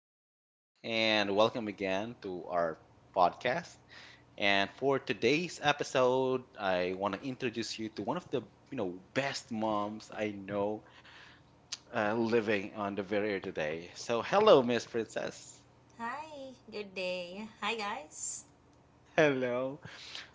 Good day, and welcome again to our podcast. And for today's episode, I want to introduce you to one of the best moms I know, living on the very air today. So, hello, Miss Princess. Hi, good day. Hi, guys. Hello.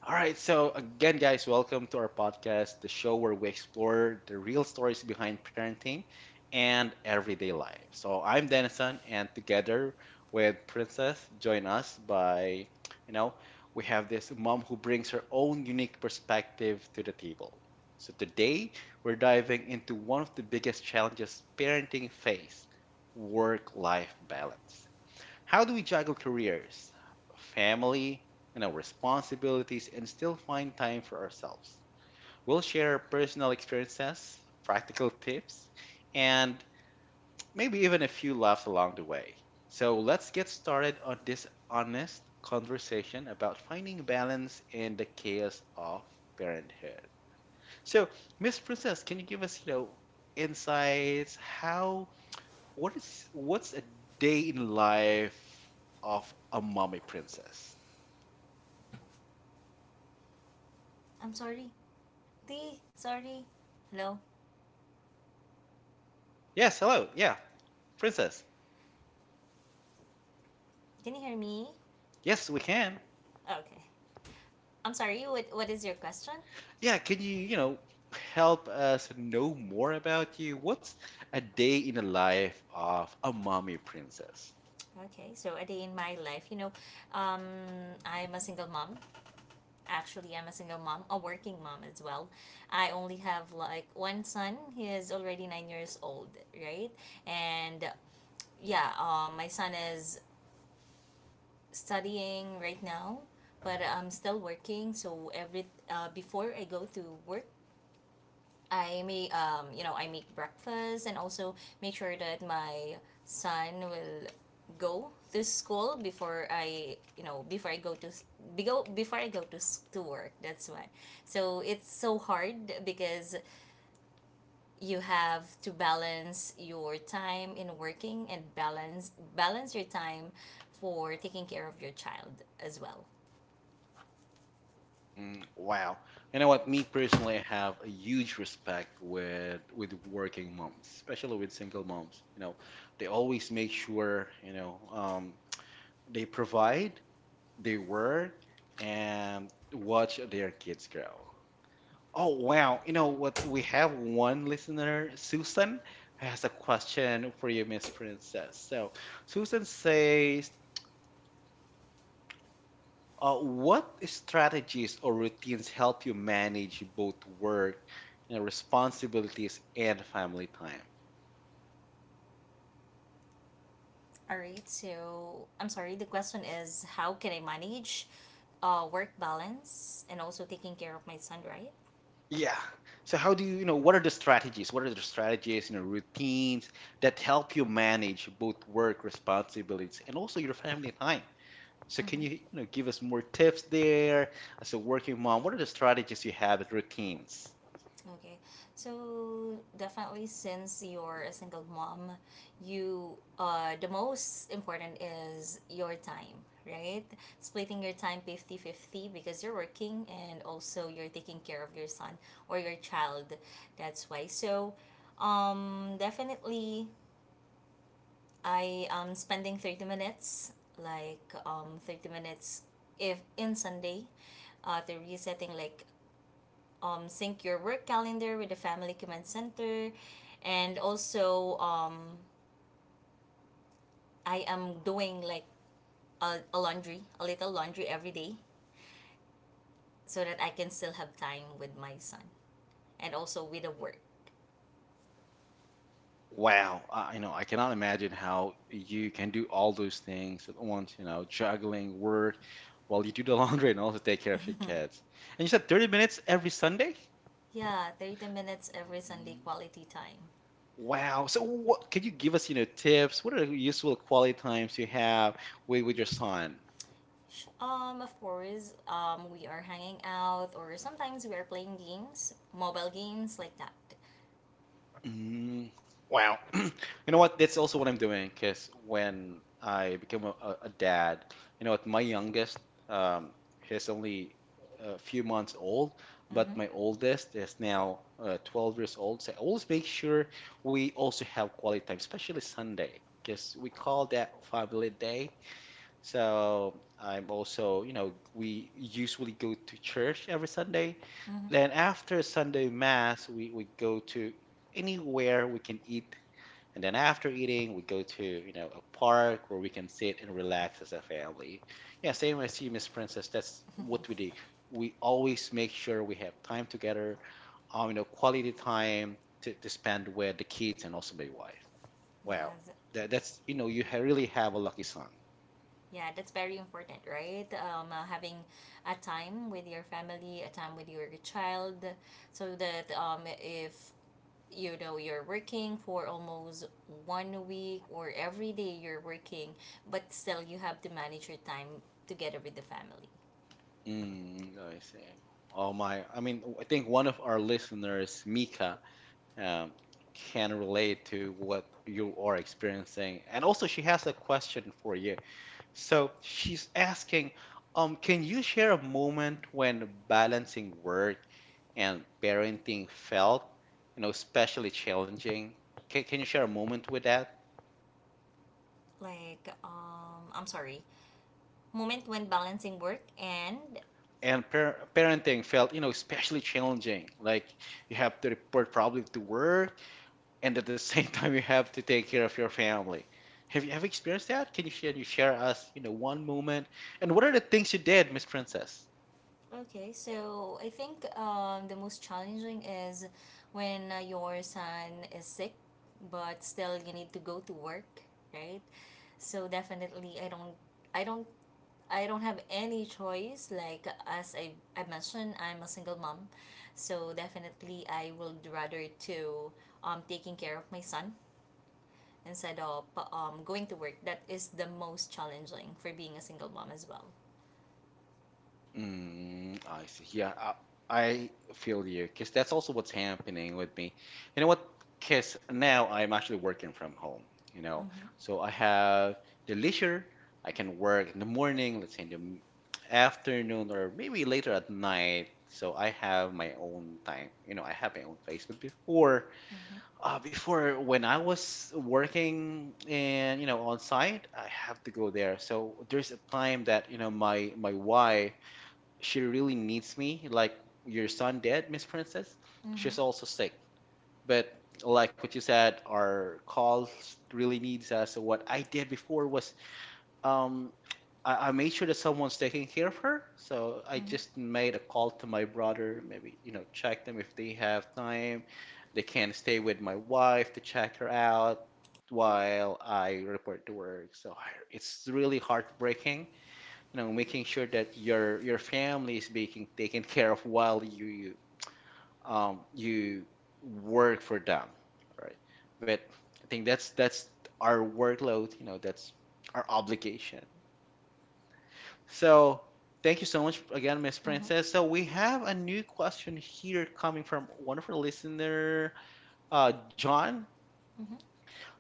All right, so again, guys, welcome to our podcast, the show where we explore the real stories behind parenting and everyday life. So I'm Denison, and together with Princess, join us you know, we have this mom who brings her own unique perspective to the table. So today, we're diving into one of the biggest challenges parenting face, work-life balance. How do we juggle careers, family, and our responsibilities and still find time for ourselves? We'll share our personal experiences, practical tips, and maybe even a few laughs along the way. So let's get started on this honest conversation about finding balance in the chaos of parenthood. So, Miss Princess, can you give us insights? How what is what's a day in life of a mommy princess? I'm sorry. T, sorry. Hello. Yes, hello. Yeah, princess. Can you hear me? Yes, we can. Okay. I'm sorry. What is your question? Yeah, can you help us know more about you? What's a day in the life of a mommy princess? Okay. So a day in my life, um, I'm a single mom. Actually, I'm a single mom, a working mom as well. I only have like one son. He is already 9 years old, right? And yeah, my son is studying right now, but I'm still working. So every before I go to work, I may you know I make breakfast and also make sure that my son will go to school before I go to go before I go to s- to work. That's why. So it's so hard because you have to balance your time in working and balance your time for taking care of your child as well. Mm, wow. You know what? Me personally, I have a huge respect with working moms, especially with single moms. You know, they always make sure, they provide they were and watch their kids grow. Oh, wow. You know what? We have one listener, Susan, who has a question for you, Miss Princess. So, Susan says, what strategies or routines help you manage both work and responsibilities and family time? All right, so I'm sorry, the question is how can I manage work balance and also taking care of my son, right? Yeah. So, how do What are the strategies? What are the strategies, you know, routines that help you manage both work responsibilities and also your family time? So can Mm-hmm. you give us more tips there as a working mom? What are the strategies you have as routines? Okay, so definitely since you're a single mom, you the most important is your time, right? Splitting your time 50-50 because you're working and also you're taking care of your son or your child. That's why. So, definitely I am spending 30 minutes, like 30 minutes if in Sunday, the resetting like sync your work calendar with the family command center, and also I am doing like a laundry, a little laundry every day, so that I can still have time with my son and also with the work. Wow, I cannot imagine how you can do all those things at once, you know, juggling work while you do the laundry and also take care of your kids. And you said 30 minutes every Sunday? Yeah, 30 minutes every Sunday Mhm. quality time. Wow. So what can you give us, you know, tips? What are the useful quality times you have with your son? Of course, we are hanging out, or sometimes we are playing games, mobile games like that. Mm, wow. You know what? That's also what I'm doing because when I became a dad, you know what? My youngest, um, he's only a few months old, but Mm-hmm. my oldest is now 12 years old. So I always make sure we also have quality time, especially Sunday, because we call that family day. So I'm also, you know, we usually go to church every Sunday. Mm-hmm. Then after Sunday mass, we go to anywhere we can eat. And then after eating, we go to, you know, a park where we can sit and relax as a family. Yeah, same as you, Miss Princess. That's what we do. We always make sure we have time together, you know, quality time to spend with the kids and also my wife. Wow. Yes. That's, you know, you ha really have a lucky son. Yeah, that's very important, right? Having a time with your family, a time with your child, so that if you know you're working for almost one week, or every day you're working, but still you have to manage your time together with the family. Mm, I see. Oh my, I mean, I think one of our listeners, Mika, um, can relate to what you are experiencing. And also, she has a question for you. So she's asking, can you share a moment when balancing work and parenting felt, you know, especially challenging? Can you share a moment with that? Like, I'm sorry, moment when balancing work and And parenting felt, you know, especially challenging. Like you have to report probably to work, and at the same time you have to take care of your family. Have you ever experienced that? Can you share us, you know, one moment? And what are the things you did, Miss Princess? okay, so I think the most challenging is when your son is sick but still you need to go to work, right? So definitely i don't I don't have any choice. Like, as I mentioned, I'm a single mom, so definitely I would rather to taking care of my son instead of going to work. That is the most challenging for being a single mom as well. Mm, I see. Yeah, I feel you, because that's also what's happening with me. You know what? Because now I'm actually working from home, you know, Mm-hmm. so I have the leisure. I can work in the morning, let's say in the afternoon, or maybe later at night. So I have my own time. You know, I have my own place. But before, Mm-hmm. Before, when I was working and you know on site, I have to go there. So there's a time that you know my wife, she really needs me. Like your son dead, Miss Princess. Mm-hmm. She's also sick. But like what you said, our calls really needs us. So what I did before was um I made sure that someone's taking care of her. So I Mm-hmm. just made a call to my brother, maybe, you know, check them if they have time. They can stay with my wife to check her out while I report to work. It's really heartbreaking, you know, making sure that your family is being taken care of while you work for them, right? But I think that's our workload, you know, that's our obligation. So, thank you so much again, Miss Mm-hmm. Mm-hmm. Princess. So, we have a new question here coming from one of our listener, John. Mm-hmm.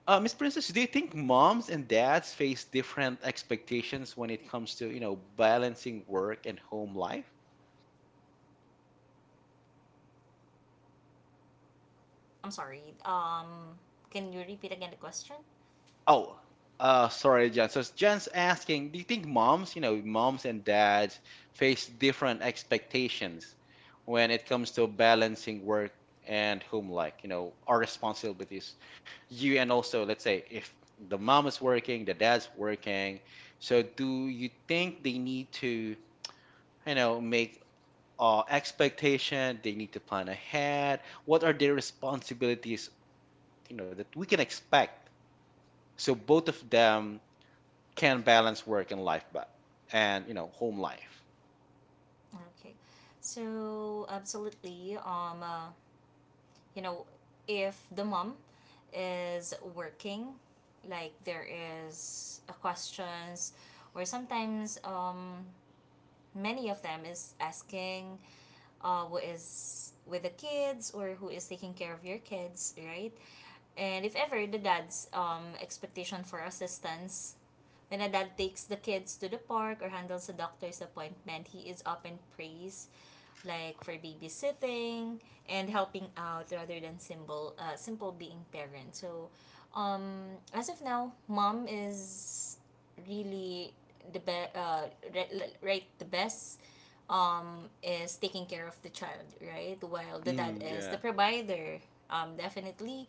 Miss Princess, do you think moms and dads face different expectations when it comes to, you know, balancing work and home life? I'm sorry. Can you repeat again the question? Oh, sorry, Jen. So Jen's asking, do you think moms, you know, moms and dads face different expectations when it comes to balancing work and home life, you know, our responsibilities? You and also, let's say, if the mom is working, the dad's working, so do you think they need to, you know, make expectation, they need to plan ahead? What are their responsibilities, you know, that we can expect? So both of them can balance work and life but and you know home life Okay. So absolutely. You know, if the mom is working, like, there is a questions, or sometimes many of them is asking, who is with the kids, or who is taking care of your kids, right? And if ever the dad's expectation for assistance. When a dad takes the kids to the park or handles a doctor's appointment, he is often praised like for babysitting and helping out rather than simple being parent. So as of now, mom is really the be- re- right the best. Is taking care of the child, right? While the dad mm, is the yeah provider. Definitely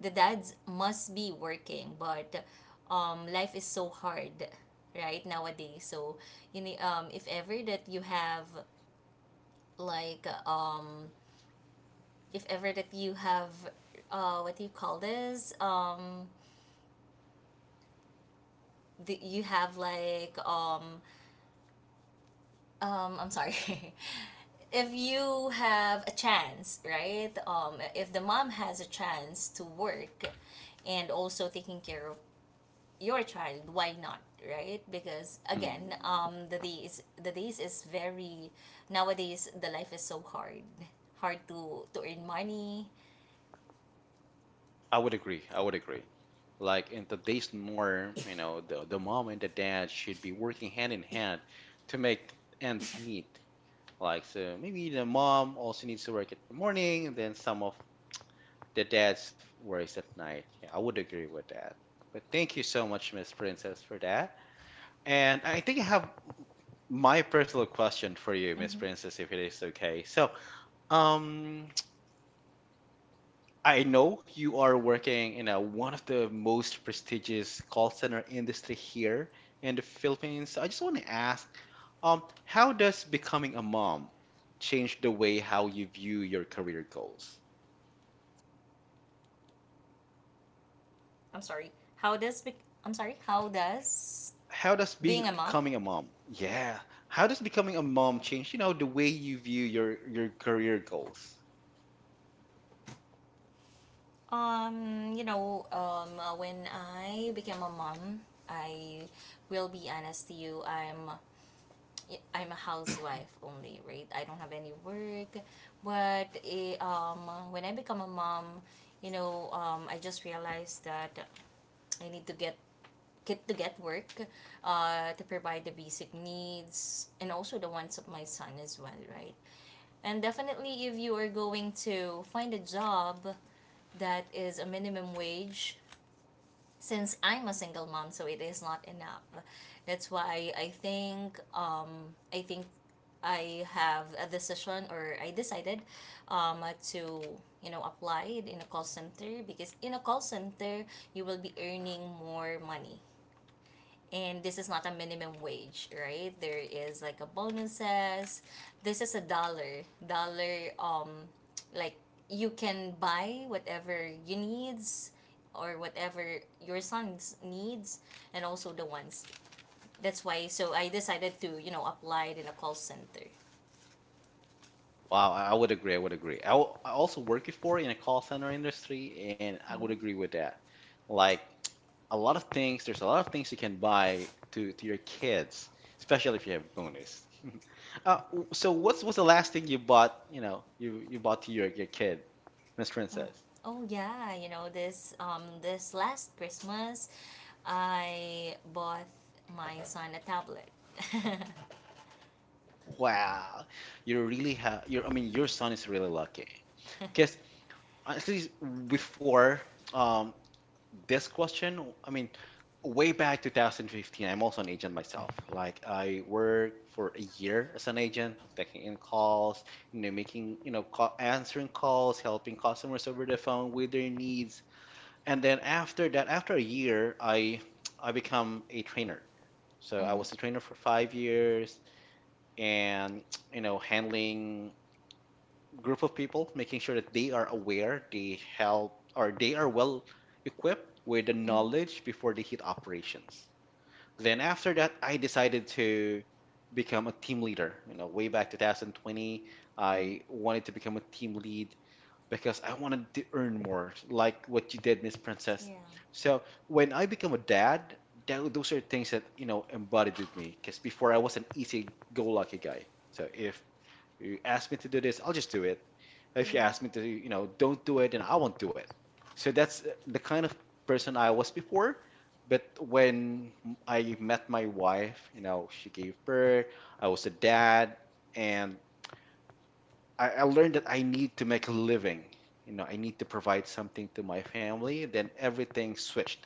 the dads must be working, but life is so hard, right, nowadays. So you need if ever that you have like if ever that you have what do you call this the, you have like I'm sorry. If you have a chance, right, if the mom has a chance to work and also taking care of your child, why not, right? Because again, mm, the days is very nowadays, the life is so hard to earn money. I would agree like in today's norm you know the mom and the dad should be working hand in hand to make ends meet like so maybe the mom also needs to work at the morning and then some of the dad's works at night yeah I would agree with that but thank you so much Miss Princess for that and I think I have my personal question for you Miss Mm-hmm. Princess if it is okay so um, I know you are working in one of the most prestigious call center industry here in the Philippines. So I just want to ask, how does becoming a mom change the way how you view your career goals? I'm sorry. How does How does being being a mom. becoming a mom, yeah, how does becoming a mom change, you know, the way you view your career goals? When I became a mom, I will be honest to you, I'm a housewife only, right? I don't have any work. But when I become a mom, you know, I just realized that I need to get work, to provide the basic needs and also the wants of my son as well, right? And definitely, if you are going to find a job that is a minimum wage, since I'm a single mom, so it is not enough. That's why I think I have a decision, or I decided um to apply in a call center, because in a call center you will be earning more money, and this is not a minimum wage, right? There is like a bonuses. This is a dollar, like you can buy whatever you needs or whatever your son's needs and also the ones. That's why. So I decided to apply in a call center. Wow, I would agree. I would agree. I also work before in a call center industry, and I would agree with that. Like a lot of things, there's a lot of things you can buy to your kids, especially if you have bonus. So what's the last thing you bought, you know, you bought to your kid, Miss oh Princess? oh yeah, this last Christmas I bought my son a tablet. Mm-hmm, Wow, you're really ha you're I mean your son is really lucky. Because honestly, before um this question, I mean way back 2015 I'm also an agent myself like I worked for a year as an agent taking in calls you know making you know call, answering calls helping customers over the phone with their needs and then after that after a year I become a trainer so I mm-hmm, was a trainer for 5 years and you know handling group of people making sure that they are aware they help or they are well equipped with the mm-hmm. knowledge before they hit operations then after that, I decided to become a team leader. You know, way back 2020, I wanted to become a team lead because I wanted to earn more, like what you did, Miss Princess. Yeah. So when I become a dad, those are things that, you know, embodied with me because before I was an easy-go-lucky guy. So if you ask me to do this, I'll just do it. If you Mm-hmm. ask me to, you know, don't do it, then I won't do it. So that's the kind of person I was before. But when I met my wife, you know, she gave birth, I was a dad, and I learned that I need to make a living. You know, I need to provide something to my family. Then everything switched.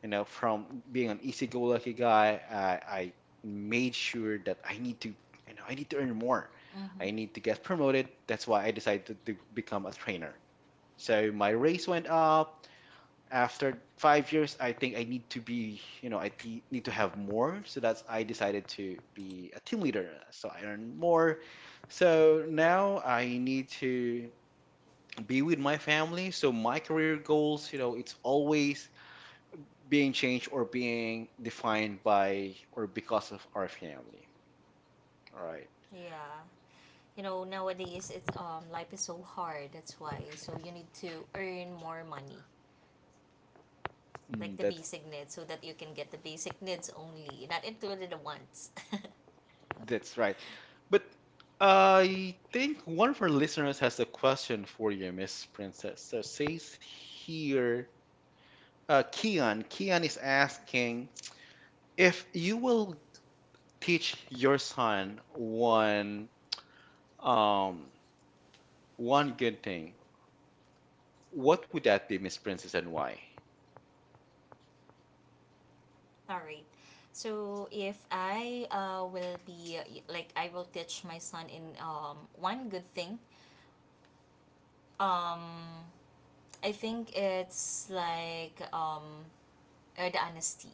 You know, from being an easy-go-lucky guy, I made sure that I need to, you know, I need to earn more. Mm-hmm. I need to get promoted. That's why I decided to become a trainer. So my raise went up. After 5 years, I think I need to be, you know, I need to have more. So that's I decided to be a team leader. So I earn more. So now I need to be with my family. So my career goals, you know, it's always being changed or being defined by or because of our family. All right. Yeah. You know, nowadays it's life is so hard. That's why. So you need to earn more money, like Mm, the that's basic needs, so that you can get the basic needs only, not included the wants. that's right. But I think one of our listeners has a question for you, Miss Princess. So it says here, Kian. Kian is asking if you will teach your son um one good thing. What would that be, Miss Princess, and why? All right. So if I will teach my son in one good thing. Um I think it's like The honesty,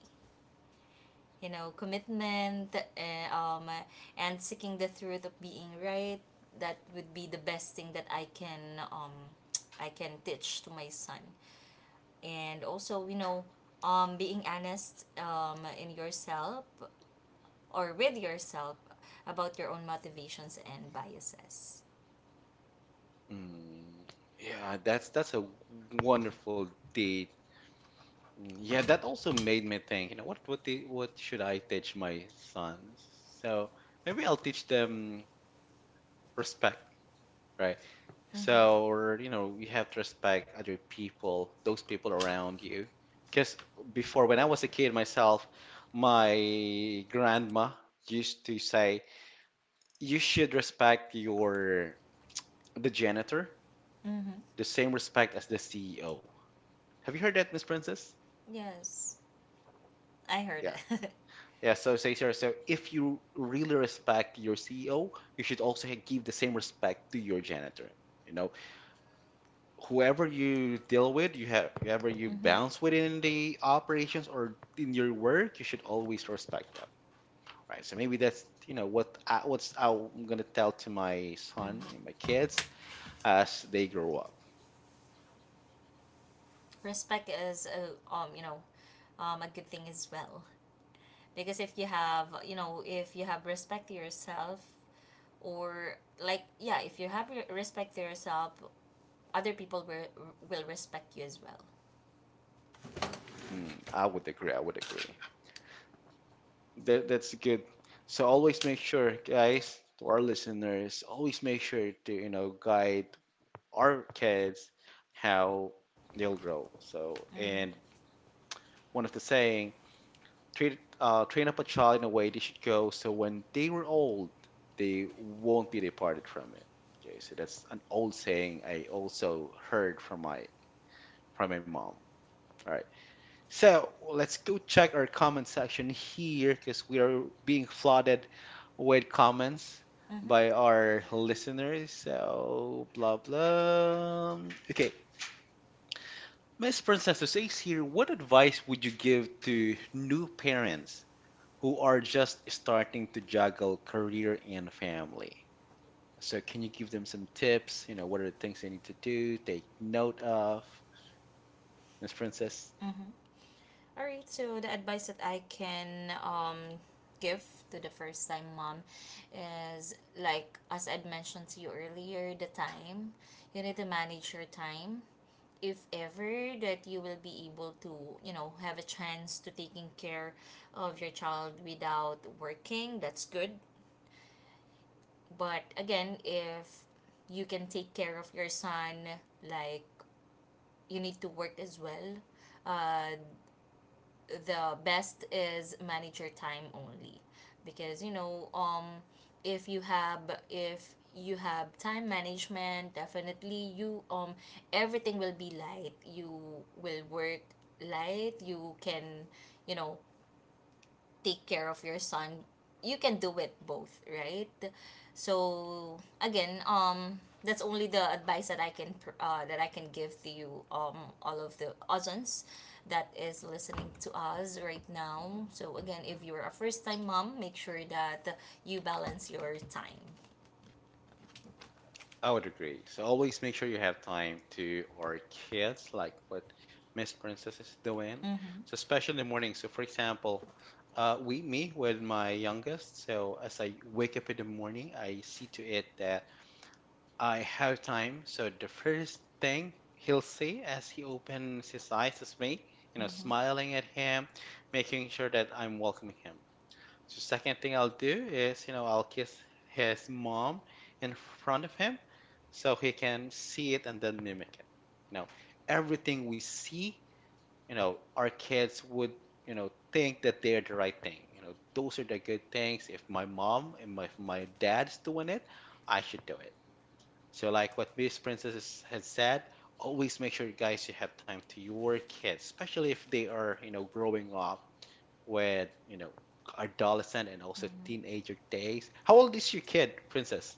commitment, and seeking the truth of being right, that would be the best thing that I can teach to my son. And also being honest, in yourself or with yourself about your own motivations and biases. Mm, yeah, that's a wonderful day. Mm, yeah, that also made me think, you know, what should I teach my sons? So maybe I'll teach them respect, right? Mm-hmm. So, or you know, you have to respect other people, those people around you. Because before, when I was a kid myself, my grandma used to say, you should respect your the janitor, Mm-hmm. the same respect as the CEO. Have you heard that, Miss Princess? Yes, I heard Yeah, that. yeah, so say here, so if you really respect your CEO, you should also give the same respect to your janitor. You know, whoever you deal with, you have whoever you Mm-hmm. bounce with in the operations or in your work, you should always respect them, right? So maybe that's, you know, what I'm gonna tell to my son and my Mm-hmm. kids as they grow up. Respect is a, you know a good thing as well, because if you have you know if you have respect to yourself, or like yeah if you have re- respect to yourself other people will respect you as well. Mm, I would agree. I would agree. That's good. So always make sure, guys, to our listeners, always make sure to, you know, guide our kids how they'll grow. So, and one of the saying, train up a child in a way they should go, so when they were old, they won't be departed from it. Okay, so that's an old saying I also heard from my mom. All right, so let's go check our comment section here because we are being flooded with comments Mm-hmm. by our listeners. So blah blah. Okay, Miss Princess of Ace here. What advice would you give to new parents who are just starting to juggle career and family? So, can you give them some tips? You know, what are the things they need to do, take note of? Miss Princess, Mm-hmm. All right, so the advice that I can give to the first time mom is, like as I've mentioned to you earlier, the time. You need to manage your time. If ever that you will be able to have a chance to taking care of your child without working, that's good. But again, if you can take care of your son, like, you need to work as well. uh the best is manage your time only, because if you have if you have time management, definitely you everything will be light, you will work light, you can you know take care of your son, you can do it both, right? So again, that's only the advice that I can give to you, all of the cousins that is listening to us right now. So again, if you're a first time mom, make sure that you balance your time. I would agree. So, always make sure you have time to our kids, like what Miss Princess is doing. Mm-hmm. So, especially in the morning. So, for example, with my youngest. So, as I wake up in the morning, I see to it that I have time. So the first thing he'll see as he opens his eyes is me, you know, Mm-hmm. smiling at him, making sure that I'm welcoming him. So second thing I'll do is, you know, I'll kiss his mom in front of him so he can see it and then mimic it. You know, everything we see, you know, our kids would, you know, think that they're the right thing. You know, those are the good things. If my mom and my, if my dad's doing it, I should do it. So, like what Miss Princess said, always make sure, guys, you have time to your kids, especially if they are, you know, growing up with, you know, adolescent and also Mm-hmm. teenager days. How old is your kid, Princess?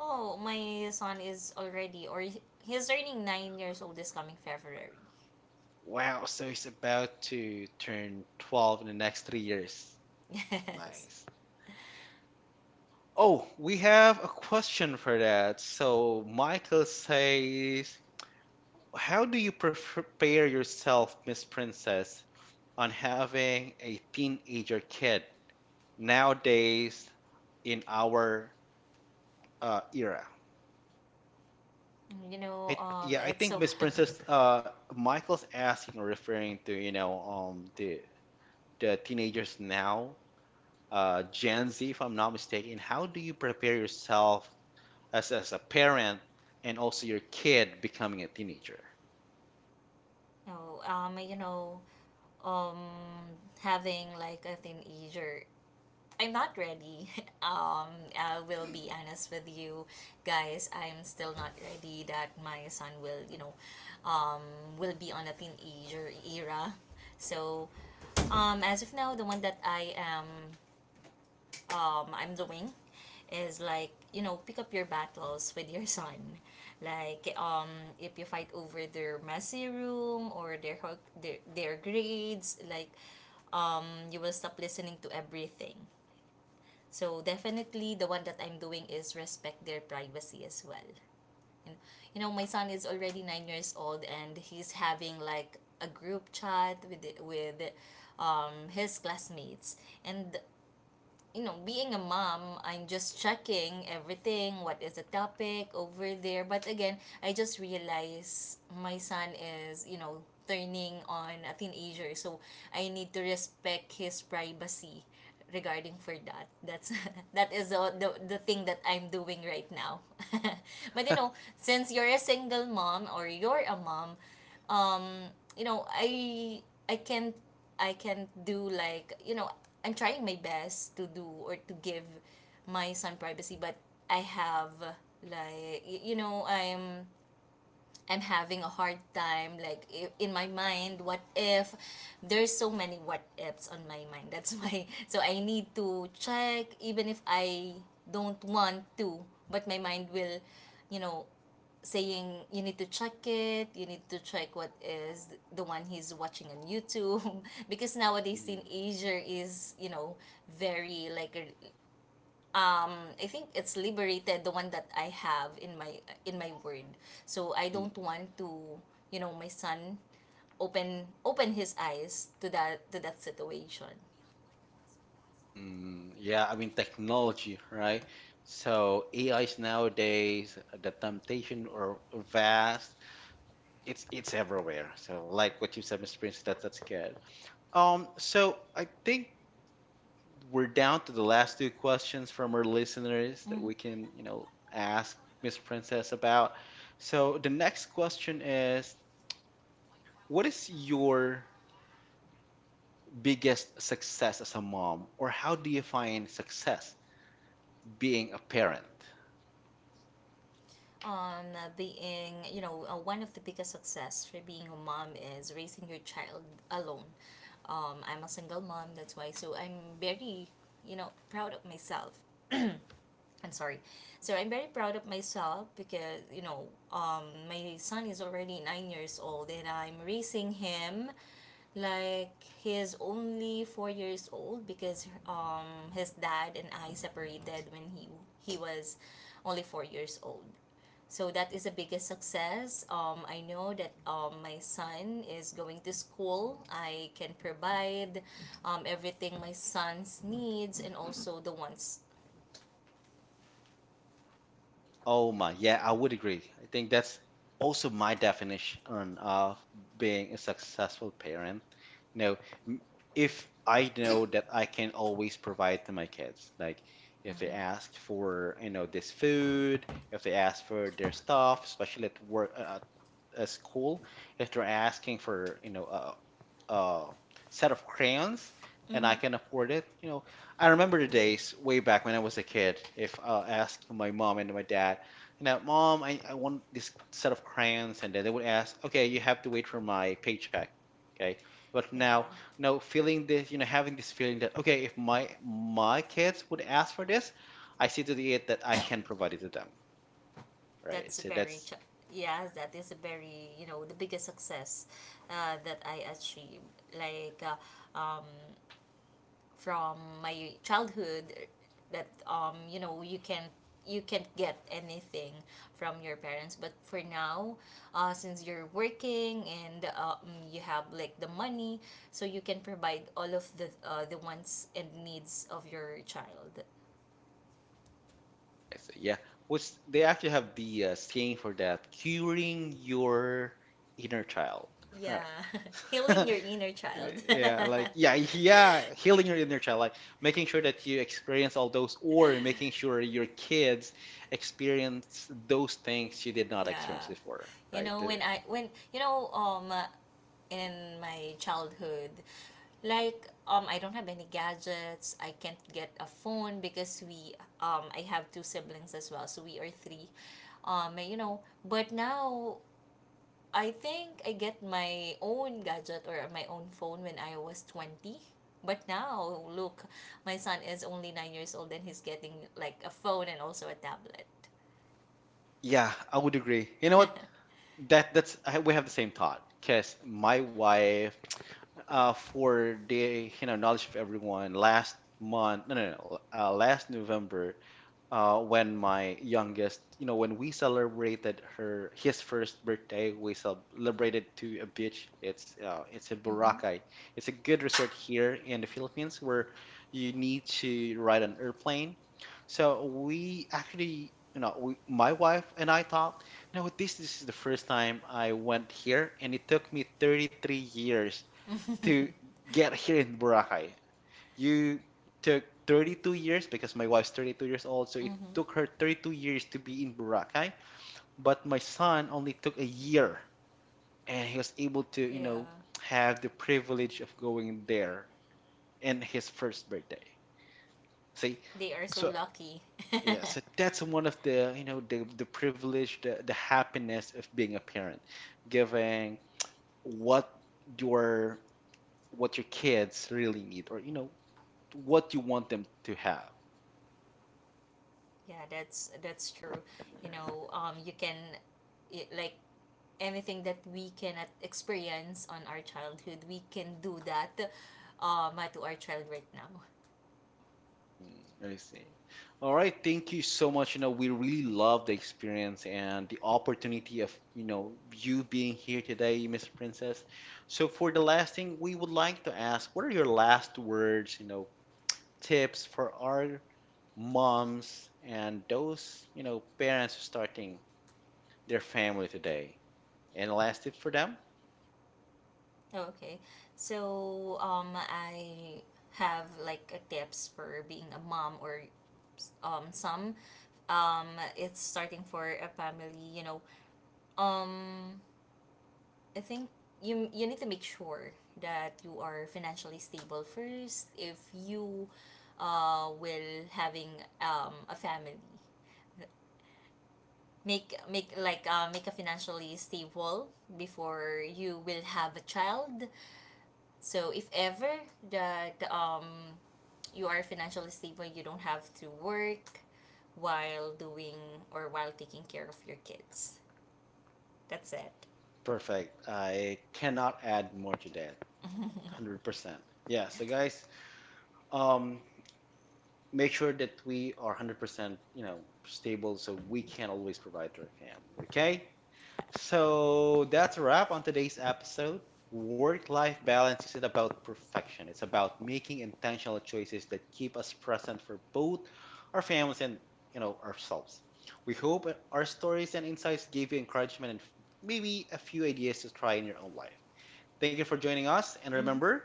Oh, my son is he's turning 9 years old this coming February. Wow, so he's about to turn 12 in the next 3 years. Yes. Nice. Oh, we have a question for that. So, Michael says, how do you prepare yourself, Miss Princess, on having a teenager kid nowadays in our era? I yeah, I It's think so. Miss Princess, Michael's asking, referring to, you know, the teenagers now, Gen Z, if I'm not mistaken. How do you prepare yourself as a parent and also your kid becoming a teenager? No, um, having like a teenager, I'm not ready. um, I will be honest with you guys. I'm still not ready that my son will, you know, um, will be on a teenager era. So, as of now, the one that I'm doing is, like, pick up your battles with your son, like if you fight over their messy room or their grades, like um you will stop listening to everything. So definitely the one that I'm doing is respect their privacy as well. And my son is already 9 years old, and he's having like a group chat with his classmates. And being a mom, I'm just checking everything, what is the topic over there. But again, I just realize my son is, turning on a teenager. So I need to respect his privacy regarding for that. That's that is the thing that I'm doing right now. But since you're a single mom or you're a mom, um you know i i can't I can't do, like, I'm trying my best to do or to give my son privacy. But I have like y- you know i'm I'm having a hard time, like, in my mind, what if there's so many what ifs on my mind, that's why. So I need to check even if I don't want to, but my mind will you know saying, you need to check what is the one he's watching on YouTube. Because nowadays in Mm, Asia is, very, like, I think it's liberated, the one that I have in my word, so I don't mm, want to my son open his eyes to that situation. mm. Yeah, I mean technology, right? So AIs nowadays, the temptation are vast. It's everywhere. So like what you said, Mr. Prince, that's good. So I think we're down to the last two questions from our listeners that we can, you know, ask Miss Princess about. So the next question is, what is your biggest success as a mom, or how do you find success being a parent? On Being, one of the biggest success for being a mom is raising your child alone. I'm a single mom, that's why. So I'm very, proud of myself. I'm sorry. So I'm very proud of myself because, my son is already 9 years old, and I'm raising him like he is only 4 years old, because his dad and I separated when he was only 4 years old. So that is the biggest success. I know that my son is going to school. I can provide everything my son's needs and also the ones. Oh my, yeah, I would agree. I think that's also my definition of being a successful parent. No, m- if I know that I can always provide to my kids, like if they Mm-hmm. ask for, you know, this food, if they ask for their stuff, especially at work, at school, if they're asking for, you know, uh, set of crayons and I Mm-hmm. can afford it. You know, I remember the days way back when I was a kid. If I asked my mom and my dad, you know, mom, I want this set of crayons, and then they would ask, okay, you have to wait for my paycheck, okay. But Yeah, now, no feeling this, you know, having this feeling that okay, if my kids would ask for this, I see to it that I can provide it to them, right? that's So very that's ch- yeah. That is a very you know the biggest success that I achieved. Like, from my childhood, that you can't get anything from your parents, but for now, since you're working and you have like the money, so you can provide all of the wants and needs of your child. I see. Yeah. Which they actually have the saying for that, curing your inner child. Right. Yeah. Healing your inner child. Yeah, like yeah, yeah, healing your inner child, like making sure that you experience all those or making sure your kids experience those things you did not experience Yeah, before, you right? know when i when you know um in my childhood. Like, I don't have any gadgets. I can't get a phone because we I have two siblings as well, so we are three. But now I think I get my own phone when I was 20. But now look, my son is only 9 years old and he's getting like a phone and also a tablet. Yeah, I would agree. You know what? We have the same thought because my wife, for the, you know, knowledge of everyone, last month no no no last November, when my youngest, you know, when we celebrated her his first birthday, we celebrated to a beach. It's in Mhm. Boracay. It's a good resort here in the Philippines where you need to ride an airplane. So we actually, you know, my wife and I thought, you know, this is the first time I went here, and it took me 33 years to Mhm. get here in Boracay. You took 32 years because my wife's 32 years old, so it took her 32 years to be in Boracay, but my son only took a year and he was able to, you Yeah. know, have the privilege of going there in his first birthday. See? They are so So lucky. yeah, so that's one of the, you know, the privilege, the happiness of being a parent, giving what your what your kids really need or you know what you want them to have. Yeah, that's true. you know um you can like, anything that we cannot experience on our childhood we can do that to our child right now. Mm, I see. All right, thank you so much. You know, we really love the experience and the opportunity of, you know, you being here today, Miss Princess. So for the last thing, we would like to ask, what are your last words, you know, tips for our moms and those, you know, parents starting their family today? Any last tips for them? Okay, so I have like a tips for being a mom or some, um it's starting for a family, um I think you need to make sure that you are financially stable first, if you will having a family. Make a financially stable before you will have a child. So if ever that you are financially stable, you don't have to work while doing or while taking care of your kids. That's it. Perfect. I cannot add more to that. 100%. Yeah, so guys, um, make sure that we are 100%, you know, stable so we can always provide to our family. Okay, so that's a wrap on today's episode. Work-life balance isn't about perfection. It's about making intentional choices that keep us present for both our families and, you know, ourselves. We hope our stories and insights gave you encouragement and maybe a few ideas to try in your own life. Thank you for joining us, and Mm-hmm. remember,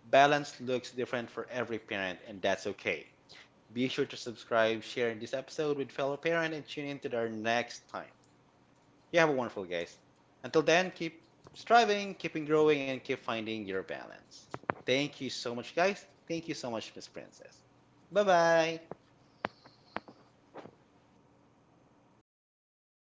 balance looks different for every parent, and that's okay. Be sure to subscribe, share this episode with fellow parent, and tune in to our next time. You have a wonderful guys. Until then, keep striving, keeping growing, and keep finding your balance. Thank you so much, guys. Thank you so much, Miss Princess. Bye bye.